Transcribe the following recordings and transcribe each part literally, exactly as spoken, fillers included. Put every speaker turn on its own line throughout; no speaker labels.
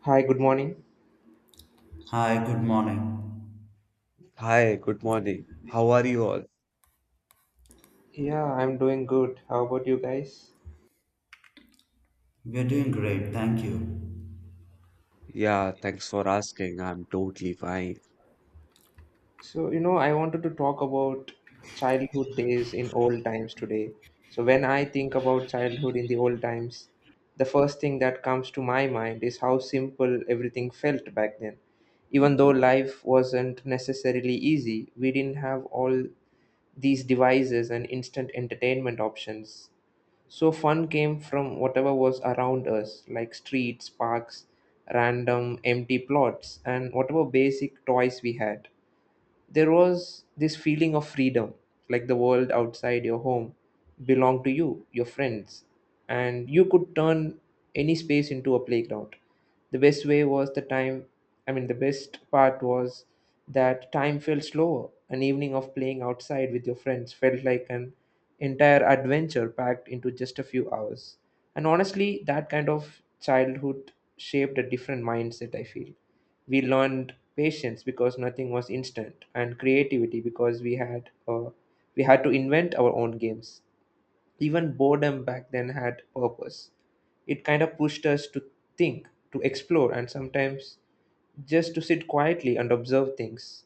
Hi, good morning.
Hi, good morning.
Hi, good morning. How are you all?
Yeah, I'm doing good. How about you guys?
We're doing great, thank you.
Yeah, thanks for asking. I'm totally fine.
So, you know, I wanted to talk about childhood days in old times today. So, when I think about childhood in the old times, the first thing that comes to my mind is how simple everything felt back then. Even though life wasn't necessarily easy, we didn't have all these devices and instant entertainment options. So fun came from whatever was around us, like streets, parks, random empty plots, and whatever basic toys we had. There was this feeling of freedom, like the world outside your home belonged to you, your friends, and you could turn any space into a playground. The best way was the time, I mean, the best part was that time felt slower. An evening of playing outside with your friends felt like an entire adventure packed into just a few hours. And honestly, that kind of childhood shaped a different mindset, I feel. We learned patience because nothing was instant, and creativity because we had uh, we had to invent our own games. Even boredom back then had purpose. It kind of pushed us to think, to explore, and sometimes just to sit quietly and observe things.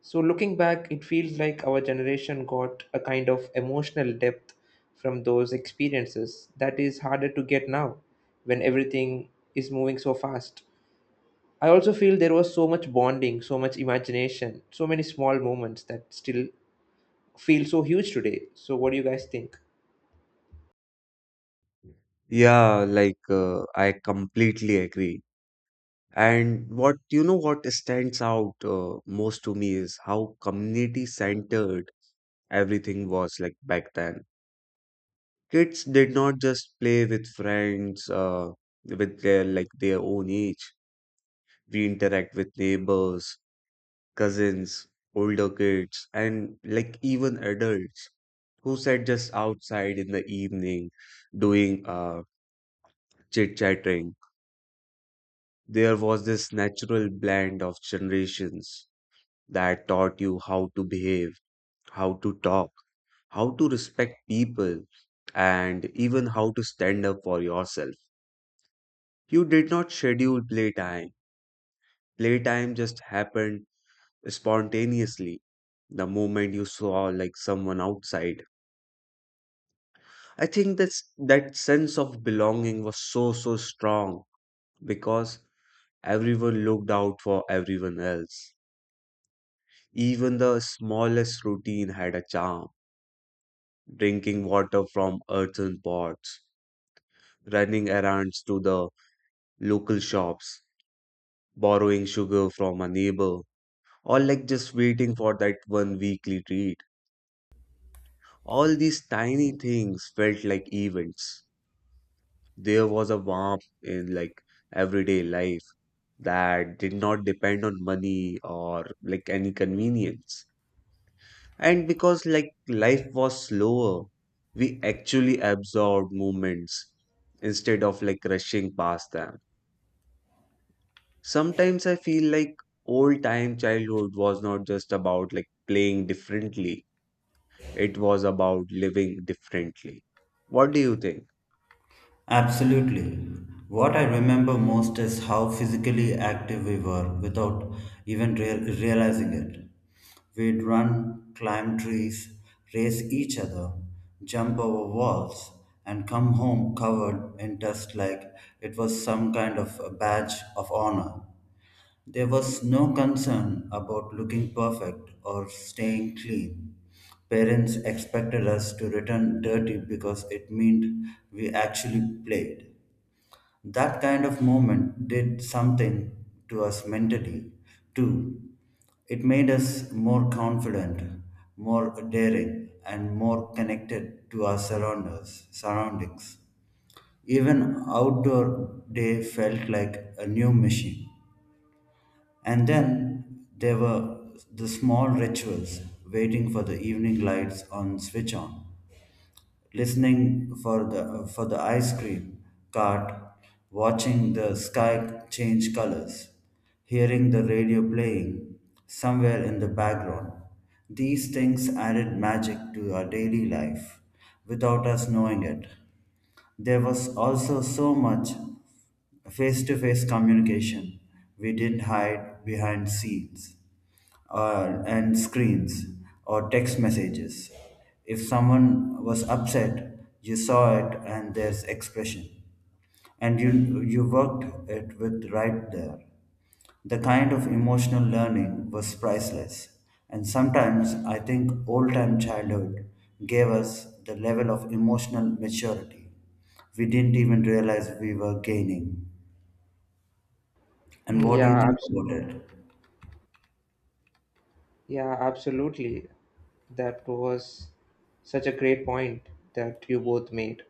So, looking back, it feels like our generation got a kind of emotional depth from those experiences that is harder to get now when everything is moving so fast. I also feel there was so much bonding, so much imagination, so many small moments that still feel so huge today. So, what do you guys think?
Yeah, like uh, I completely agree. And what you know what stands out uh, most to me is how community centered everything was like back then. Kids did not just play with friends uh, with their like their own age. We interact with neighbors, cousins, older kids, and like even adults who sat just outside in the evening doing uh, chit chatting. There was this natural blend of generations that taught you how to behave, how to talk, how to respect people, and even how to stand up for yourself. You did not schedule playtime, playtime just happened spontaneously the moment you saw like someone outside. I think that's that sense of belonging was so so strong because everyone looked out for everyone else. Even the smallest routine had a charm. Drinking water from earthen pots, running errands to the local shops, borrowing sugar from a neighbor, or like just waiting for that one weekly treat. All these tiny things felt like events. There was a warmth in like everyday life that did not depend on money or like any convenience. And because like life was slower, we actually absorbed moments instead of like rushing past them. Sometimes I feel like old time childhood was not just about like playing differently, it was about living differently. What do you think?
Absolutely. What I remember most is how physically active we were without even real- realizing it. We'd run, climb trees, race each other, jump over walls, and come home covered in dust like it was some kind of a badge of honor. There was no concern about looking perfect or staying clean. Parents expected us to return dirty because it meant we actually played. That kind of moment did something to us mentally, too. It made us more confident, more daring, and more connected to our surroundings. surroundings. Even outdoor day felt like a new mission. And then there were the small rituals, waiting for the evening lights on switch on, listening for the for the ice cream cart, watching the sky change colors, hearing the radio playing somewhere in the background. These things added magic to our daily life without us knowing it. There was also so much face to face communication. We didn't hide behind scenes uh, and screens or text messages. If someone was upset, you saw it and there's expression. And you, you worked it with right there. The kind of emotional learning was priceless, and sometimes I think old time childhood gave us the level of emotional maturity we didn't even realize we were gaining. And
Mm,
what do you
Yeah,
think
abs-
about it?
yeah, absolutely. That was such a great point that you both made.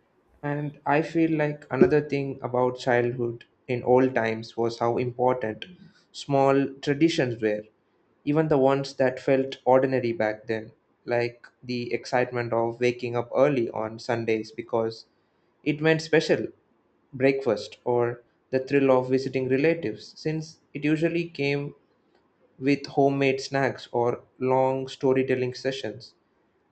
And I feel like another thing about childhood in old times was how important small traditions were, even the ones that felt ordinary back then, like the excitement of waking up early on Sundays because it meant special breakfast, or the thrill of visiting relatives, since it usually came with homemade snacks or long storytelling sessions.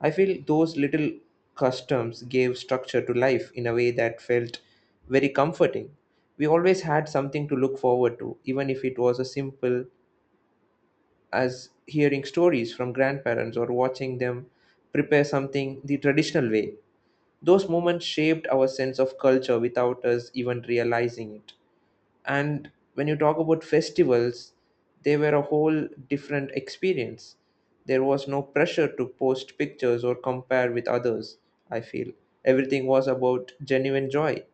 I feel those little customs gave structure to life in a way that felt very comforting. We always had something to look forward to, even if it was as simple as hearing stories from grandparents or watching them prepare something the traditional way. Those moments shaped our sense of culture without us even realizing it. And when you talk about festivals, they were a whole different experience. There was no pressure to post pictures or compare with others, I feel. Everything was about genuine joy,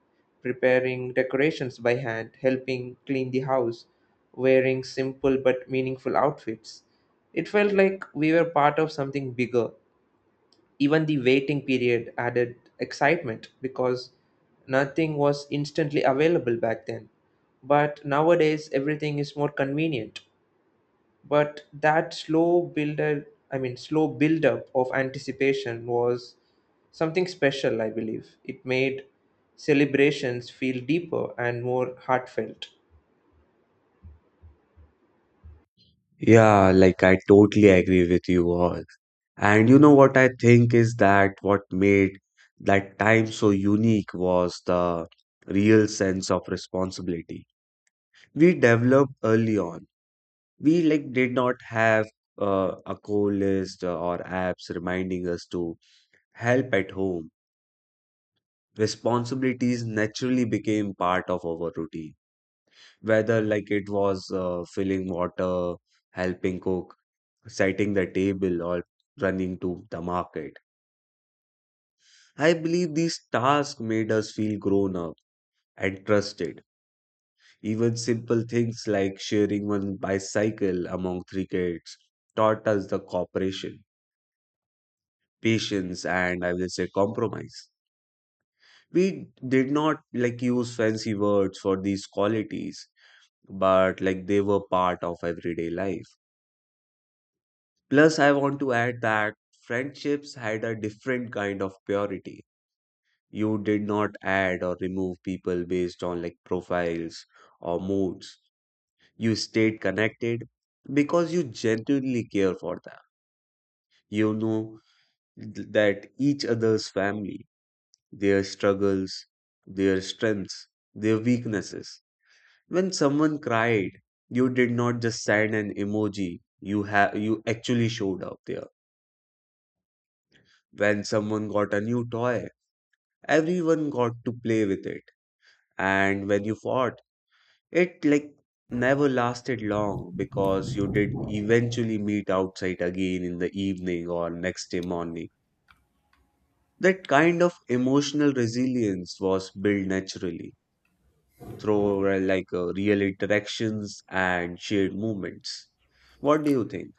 preparing decorations by hand, helping clean the house, wearing simple but meaningful outfits. It felt like we were part of something bigger, even the waiting period added excitement because nothing was instantly available back then. But nowadays everything is more convenient. But that slow builder, I mean, slow build up of anticipation was something special, I believe. It made celebrations feel deeper and more heartfelt.
Yeah, like I totally agree with you all. And you know what I think is that what made that time so unique was the real sense of responsibility we developed early on. We like did not have uh, a call list uh, or apps reminding us to help at home. Responsibilities naturally became part of our routine, whether like it was uh, filling water, helping cook, setting the table, or running to the market. I believe these tasks made us feel grown up and trusted. Even simple things like sharing one bicycle among three kids taught us the cooperation, patience, and I will say compromise. We did not like use fancy words for these qualities, but like they were part of everyday life. Plus, I want to add that friendships had a different kind of purity. You did not add or remove people based on like profiles or moods. You stayed connected because you genuinely care for them. You know th- that each other's family, their struggles, their strengths, their weaknesses. When someone cried, you did not just send an emoji, you have you actually showed up there. When someone got a new toy, everyone got to play with it. And when you fought, it like never lasted long because you did eventually meet outside again in the evening or next day morning. That kind of emotional resilience was built naturally through uh, like uh, real interactions and shared moments. What do you think?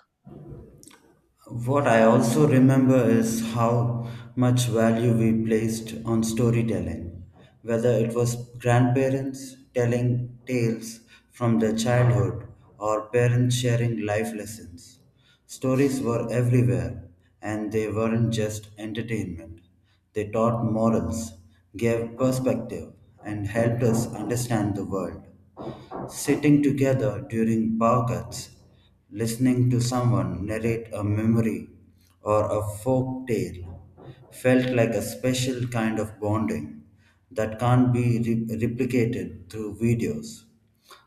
What I also remember is how much value we placed on storytelling, whether it was grandparents telling tales from their childhood or parents sharing life lessons. Stories were everywhere, and they weren't just entertainment. They taught morals, gave perspective, and helped us understand the world. Sitting together during power cuts, listening to someone narrate a memory or a folk tale felt like a special kind of bonding that can't be re- replicated through videos.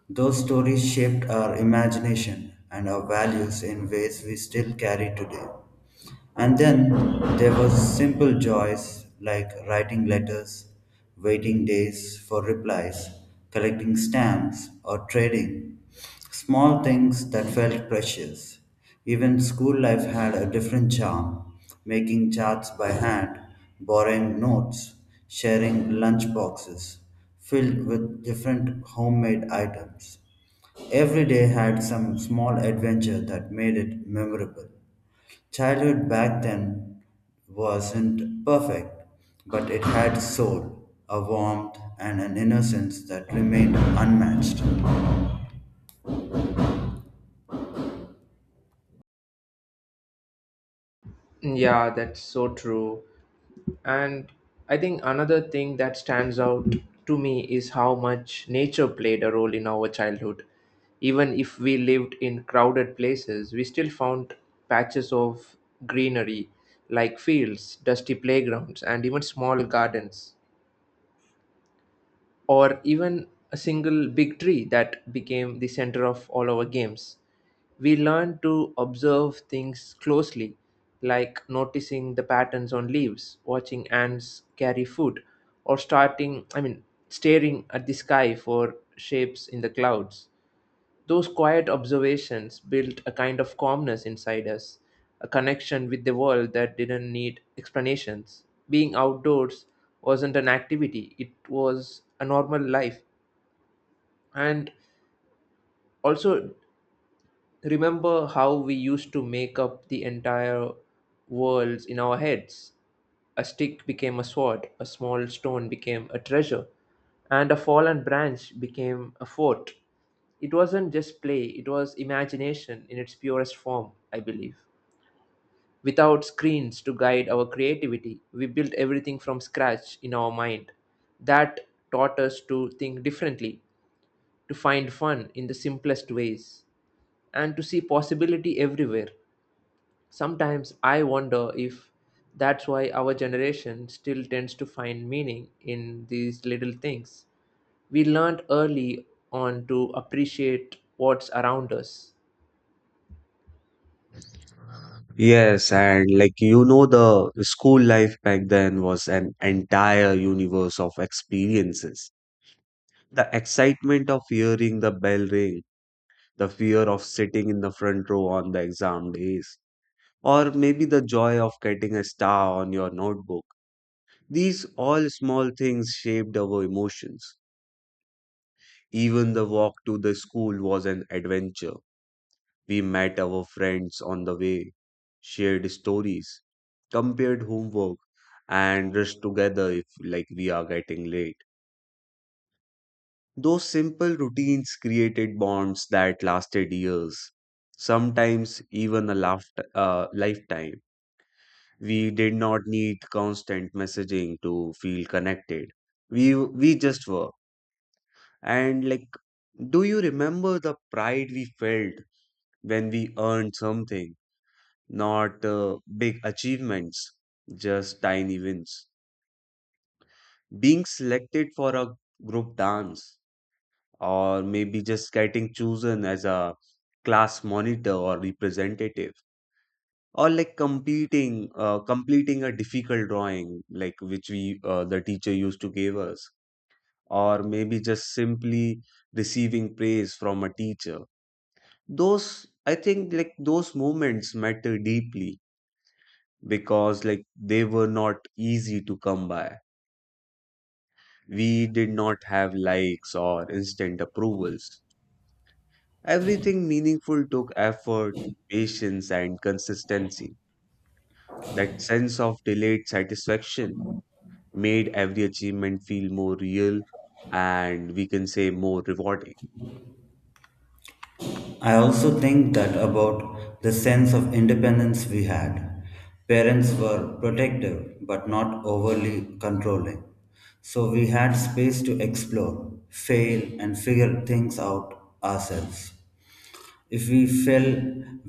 Those stories shaped our imagination and our values in ways we still carry today. And then there was simple joys like writing letters, waiting days for replies, collecting stamps or trading. Small things that felt precious. Even school life had a different charm, making charts by hand, borrowing notes, sharing lunch boxes filled with different homemade items. Every day had some small adventure that made it memorable. Childhood back then wasn't perfect, but it had soul, a warmth, and an innocence that remained unmatched.
Yeah, that's so true. And I think another thing that stands out to me is how much nature played a role in our childhood. Even if we lived in crowded places, we still found patches of greenery like fields, dusty playgrounds, and even small gardens, or even a single big tree that became the center of all our games. We learned to observe things closely, like noticing the patterns on leaves, watching ants carry food, or starting, I mean, staring at the sky for shapes in the clouds. Those quiet observations built a kind of calmness inside us, a connection with the world that didn't need explanations. Being outdoors wasn't an activity, it was a normal life. And also, remember how we used to make up the entire worlds in our heads? A stick became a sword, a small stone became a treasure, and a fallen branch became a fort. It wasn't just play, it was imagination in its purest form, I believe. Without screens to guide our creativity, we built everything from scratch in our mind. That taught us to think differently, to find fun in the simplest ways and to see possibility everywhere. Sometimes I wonder if that's why our generation still tends to find meaning in these little things. We learned early on to appreciate what's around us.
Yes, and like you know, the school life back then was an entire universe of experiences. The excitement of hearing the bell ring, the fear of sitting in the front row on the exam days, or maybe the joy of getting a star on your notebook. These all small things shaped our emotions. Even the walk to the school was an adventure. We met our friends on the way, shared stories, compared homework, and rushed together if like we are getting late. Those simple routines created bonds that lasted years, sometimes even a laft- uh, lifetime. We did not need constant messaging to feel connected. We we just were. And like, do you remember the pride we felt when we earned something? Not uh, big achievements, just tiny wins. Being selected for a group dance, or maybe just getting chosen as a class monitor or representative, or like competing, uh, completing a difficult drawing, like which we uh, the teacher used to give us, or maybe just simply receiving praise from a teacher. Those I think like those moments matter deeply because like they were not easy to come by. We did not have likes or instant approvals. Everything meaningful took effort, patience, and consistency. That sense of delayed satisfaction made every achievement feel more real and we can say more rewarding.
I also think that about the sense of independence we had. Parents were protective but not overly controlling. So we had space to explore, fail, and figure things out ourselves. If we fell,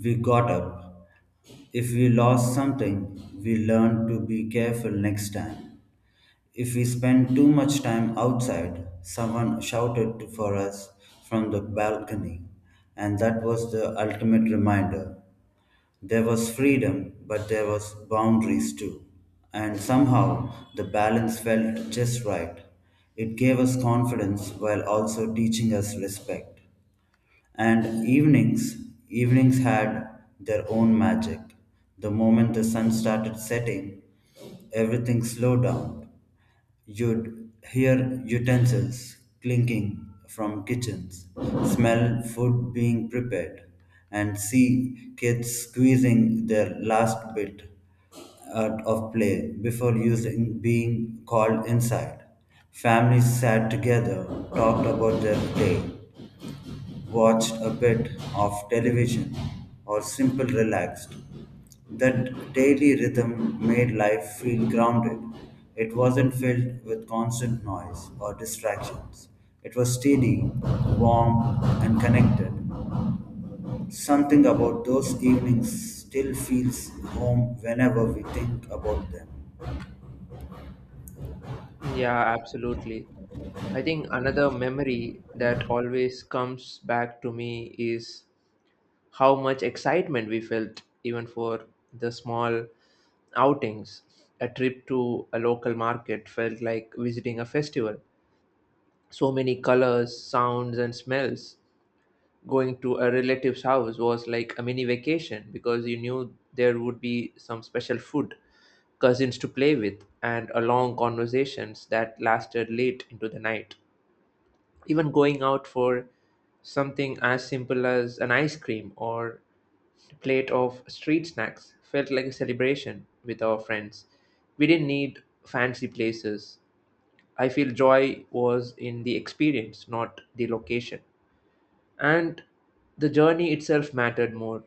we got up. If we lost something, we learned to be careful next time. If we spent too much time outside, someone shouted to- for us from the balcony, and that was the ultimate reminder. There was freedom, but there was boundaries too. And somehow the balance felt just right. It gave us confidence while also teaching us respect. And evenings, evenings had their own magic. The moment the sun started setting, everything slowed down. You'd hear utensils clinking from kitchens, smell food being prepared, and see kids squeezing their last bit out of play before using being called inside. Families sat together, talked about their day, watched a bit of television, or simply relaxed. That daily rhythm made life feel grounded. It wasn't filled with constant noise or distractions. It was steady, warm, and connected. Something about those evenings still feels home whenever we think about them.
Yeah, absolutely. I think another memory that always comes back to me is how much excitement we felt even for the small outings. A trip to a local market felt like visiting a festival, so many colors, sounds, and smells. Going to a relative's house was like a mini vacation because you knew there would be some special food, cousins to play with, and a long conversations that lasted late into the night. Even going out for something as simple as an ice cream or plate of street snacks felt like a celebration with our friends. We didn't need fancy places. I feel joy was in the experience, not the location. And the journey itself mattered more.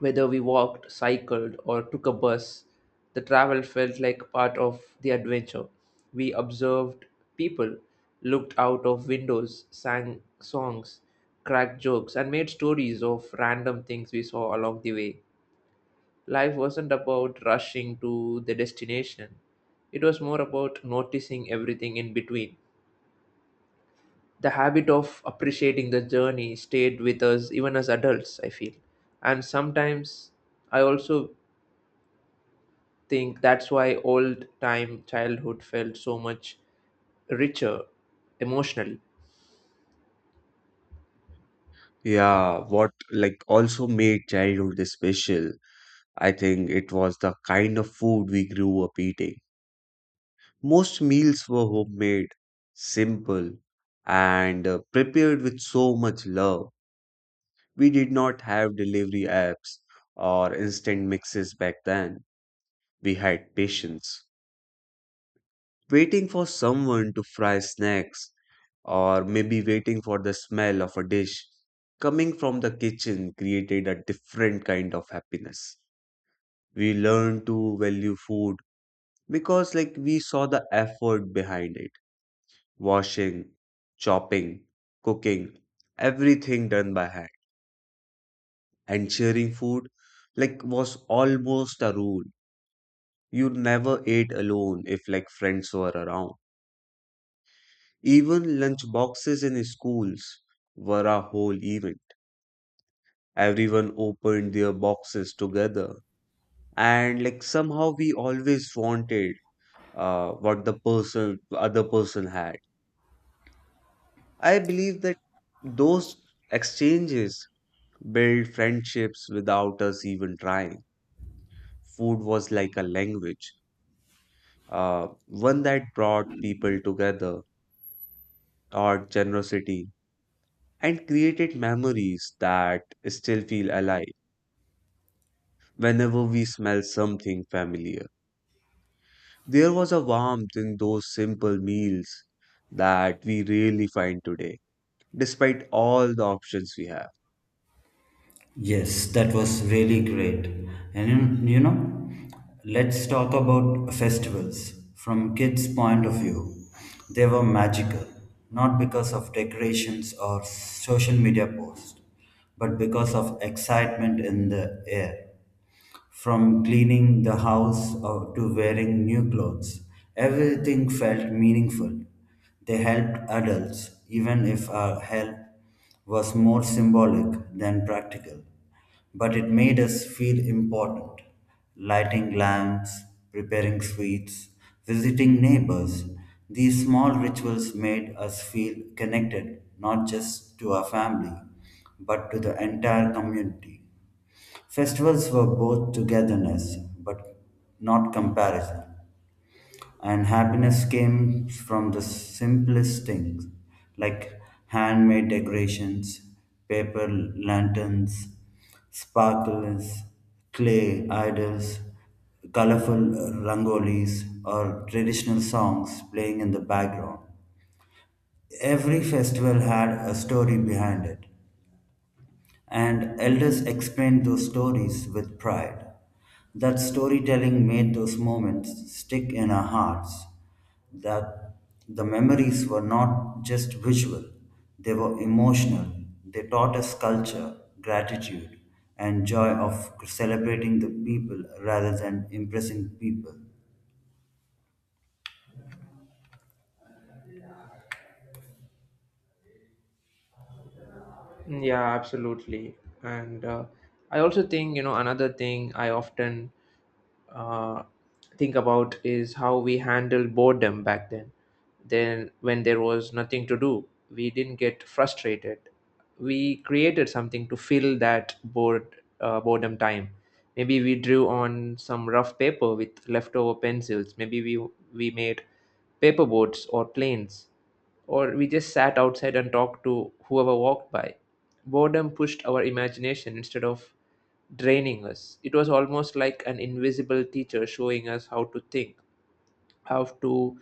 Whether we walked, cycled, or took a bus, the travel felt like part of the adventure. We observed people, looked out of windows, sang songs, cracked jokes, and made stories of random things we saw along the way. Life wasn't about rushing to the destination, it was more about noticing everything in between. The habit of appreciating the journey stayed with us even as adults, I feel. And sometimes I also think that's why old time childhood felt so much richer emotionally.
Yeah, what like also made childhood special, I think it was the kind of food we grew up eating. Most meals were homemade, simple, and uh, prepared with so much love. We did not have delivery apps or instant mixes back then. We had patience, waiting for someone to fry snacks, or maybe waiting for the smell of a dish coming from the kitchen created a different kind of happiness. We learned to value food because, like, we saw the effort behind it: washing, chopping, cooking, everything done by hand. And sharing food like was almost a rule. You never ate alone if like friends were around. Even lunch boxes in schools were a whole event. Everyone opened their boxes together. And like somehow we always wanted uh, what the person other person had. I believe that those exchanges build friendships without us even trying. Food was like a language, uh, one that brought people together, taught generosity, and created memories that still feel alive. Whenever we smell something familiar, there was a warmth in those simple meals that we rarely find today, despite all the options we have.
Yes, that was really great. And you you know, let's talk about festivals from kids' point of view. They were magical, not because of decorations or social media posts, but because of excitement in the air. From cleaning the house uh, to wearing new clothes, everything felt meaningful. They helped adults, even if our help was more symbolic than practical. But it made us feel important. Lighting lamps, preparing sweets, visiting neighbors, these small rituals made us feel connected not just to our family, but to the entire community. Festivals were both togetherness, but not comparison. And happiness came from the simplest things, like handmade decorations, paper lanterns, sparkles, clay idols, colorful rangolis, or traditional songs playing in the background. Every festival had a story behind it, and elders explained those stories with pride. That storytelling made those moments stick in our hearts. That the memories were not just visual, they were emotional. They taught us culture, gratitude, and joy of celebrating the people rather than impressing people.
Mm, yeah, absolutely and uh, I also think, you know, another thing i often uh, think about is how we handled boredom back then. Then, when there was nothing to do, we didn't get frustrated. We created something to fill that bored uh, boredom time. Maybe we drew on some rough paper with leftover pencils. Maybe we we made paper boats or planes, or we just sat outside and talked to whoever walked by. Boredom pushed our imagination instead of draining us. It was almost like an invisible teacher showing us how to think, how to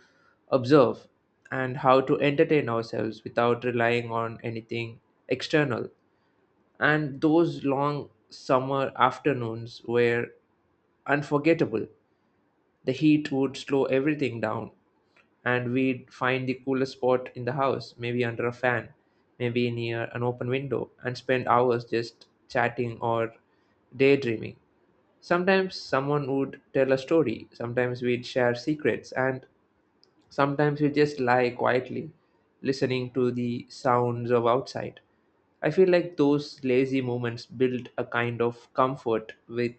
observe, and how to entertain ourselves without relying on anything external. And those long summer afternoons were unforgettable. The heat would slow everything down, and we'd find the coolest spot in the house, maybe under a fan, maybe near an open window, and spend hours just chatting or daydreaming. Sometimes someone would tell a story, sometimes we'd share secrets, and sometimes we'd just lie quietly, listening to the sounds of outside. I feel like those lazy moments build a kind of comfort with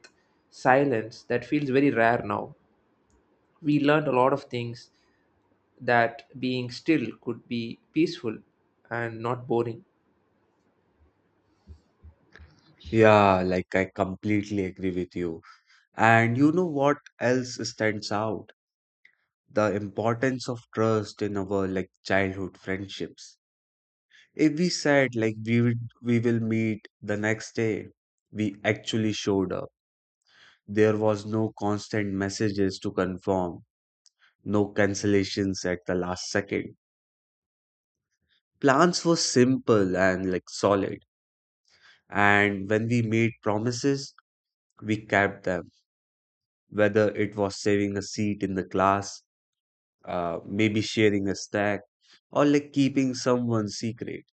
silence that feels very rare now. We learned a lot of things, that being still could be peaceful and not boring.
Yeah, like I completely agree with you. And you know what else stands out? The importance of trust in our like childhood friendships. If we said like we would we will meet the next day, we actually showed up. There was no constant messages to confirm, no cancellations at the last second. Plans were simple and like solid. And when we made promises, we kept them. Whether it was saving a seat in the class, uh, maybe sharing a snack, or like keeping someone's secret.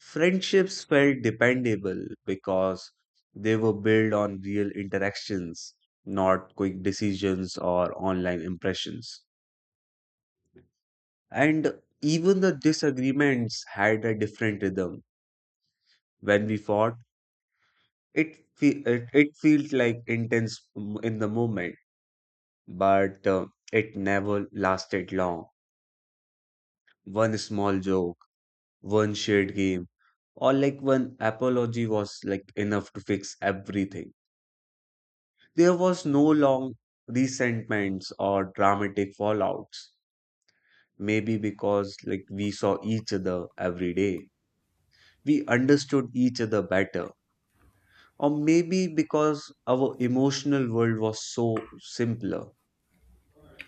Friendships felt dependable because they were built on real interactions, not quick decisions or online impressions. And even the disagreements had a different rhythm. When we fought, it fe- it, it felt like intense m- in the moment, but uh, it never lasted long. One small joke, one shared game, or like one apology was like enough to fix everything. There was no long resentments or dramatic fallouts. Maybe because like we saw each other every day, we understood each other better. Or maybe because our emotional world was so simpler.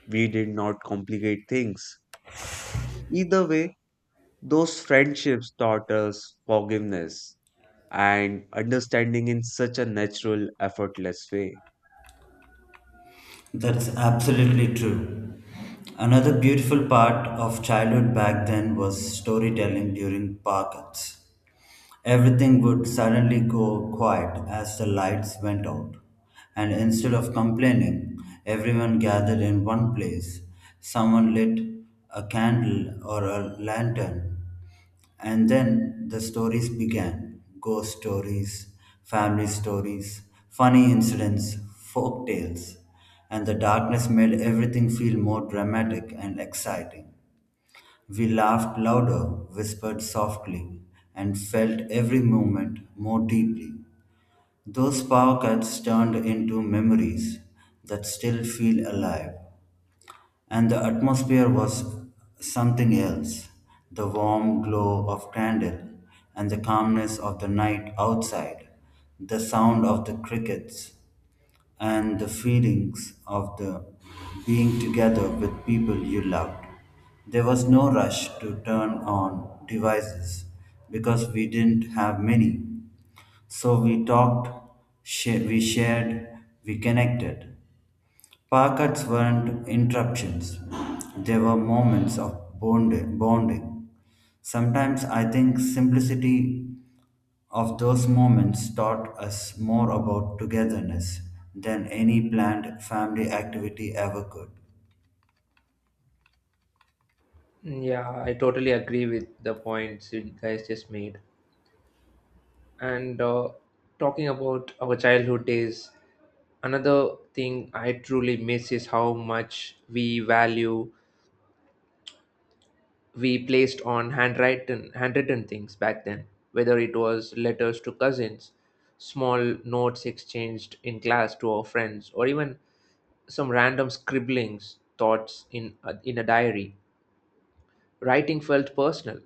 We did not complicate things. Either way, those friendships taught us forgiveness and understanding in such a natural, effortless way.
That's absolutely true. Another beautiful part of childhood back then was storytelling during parkets. Everything would suddenly go quiet as the lights went out, and instead of complaining, everyone gathered in one place. Someone lit a candle or a lantern, and then the stories began ghost stories, family stories, funny incidents, folk tales, and the darkness made everything feel more dramatic and exciting. We laughed louder, whispered softly, and felt every moment more deeply. Those pockets turned into memories that still feel alive, and the atmosphere was something else the warm glow of candle and the calmness of the night outside, the sound of the crickets and the feelings of the being together with people you loved. There was no rush to turn on devices because we didn't have many. So we talked, sh- we shared, we connected. Parkouts weren't interruptions, they were moments of bond- bonding. Sometimes I think simplicity of those moments taught us more about togetherness than any planned family activity ever could.
Yeah, I totally agree with the points you guys just made. And uh, talking about our childhood days, another thing I truly miss is how much we value we placed on handwritten handwritten things back then. Whether it was letters to cousins, small notes exchanged in class to our friends, or even some random scribblings, thoughts in a, in a diary. Writing felt personal.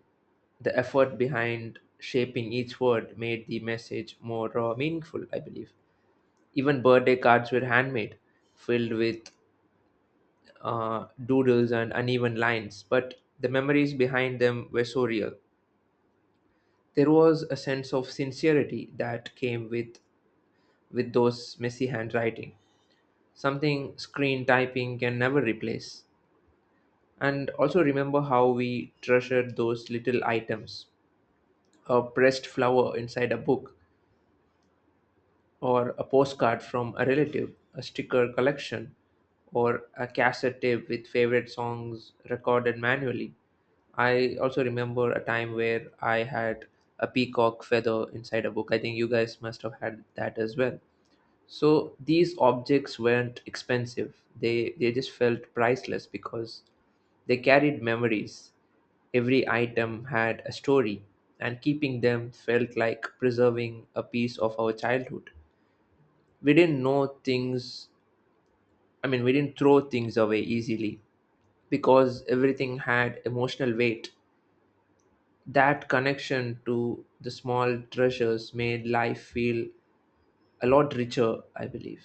The effort behind shaping each word made the message more uh, meaningful, I believe. Even birthday cards were handmade, filled with uh, doodles and uneven lines, but the memories behind them were so real. There was a sense of sincerity that came with with those messy handwriting, something screen typing can never replace. And also remember how we treasured those little items, a pressed flower inside a book, or a postcard from a relative, a sticker collection, or a cassette tape with favorite songs recorded manually. I also remember a time where I had a peacock feather inside a book. I think you guys must have had that as well. So these objects weren't expensive. They they just felt priceless because they carried memories. Every item had a story, and keeping them felt like preserving a piece of our childhood. We didn't know things, I mean, we didn't throw things away easily because everything had emotional weight. That connection to the small treasures made life feel a lot richer, I believe.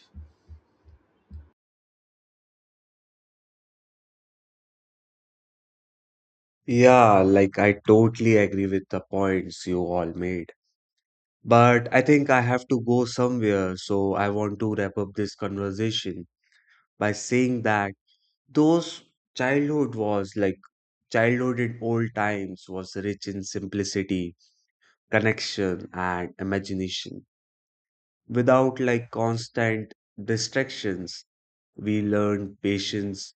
Yeah, like I totally agree with the points you all made. But I think I have to go somewhere, so I want to wrap up this conversation by saying that those childhood was like childhood in old times was rich in simplicity, connection, and imagination. Without like constant distractions, we learned patience,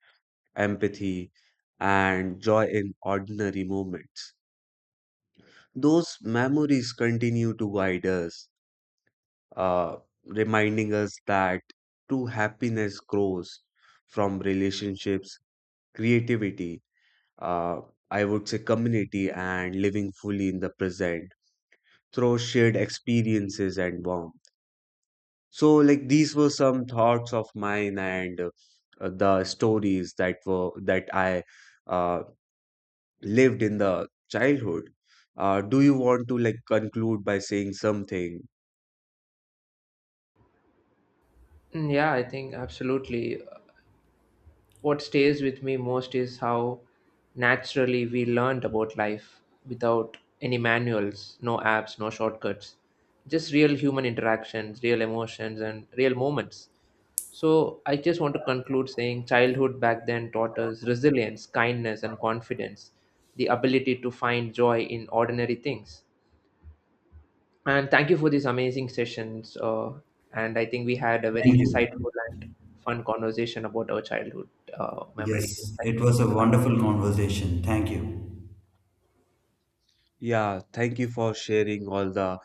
empathy, and joy in ordinary moments. Those memories continue to guide us, uh, reminding us that true happiness grows from relationships, creativity, uh, I would say community, and living fully in the present through shared experiences and warmth. So, like these were some thoughts of mine and uh, the stories that were that I uh, lived in the childhood. Uh, do you want to like conclude by saying something?
Mm, Yeah, I think absolutely. What stays with me most is how naturally we learned about life without any manuals, no apps, no shortcuts, just real human interactions, real emotions, and real moments. So, I just want to conclude saying childhood back then taught us resilience, kindness, and confidence, the ability to find joy in ordinary things. And thank you for these amazing sessions. Uh, and I think we had a very
Thank you.
insightful and fun conversation about our childhood uh, memories.
Yes,
Thank
it
you.
was a wonderful conversation. Thank you.
Yeah, thank you for sharing all the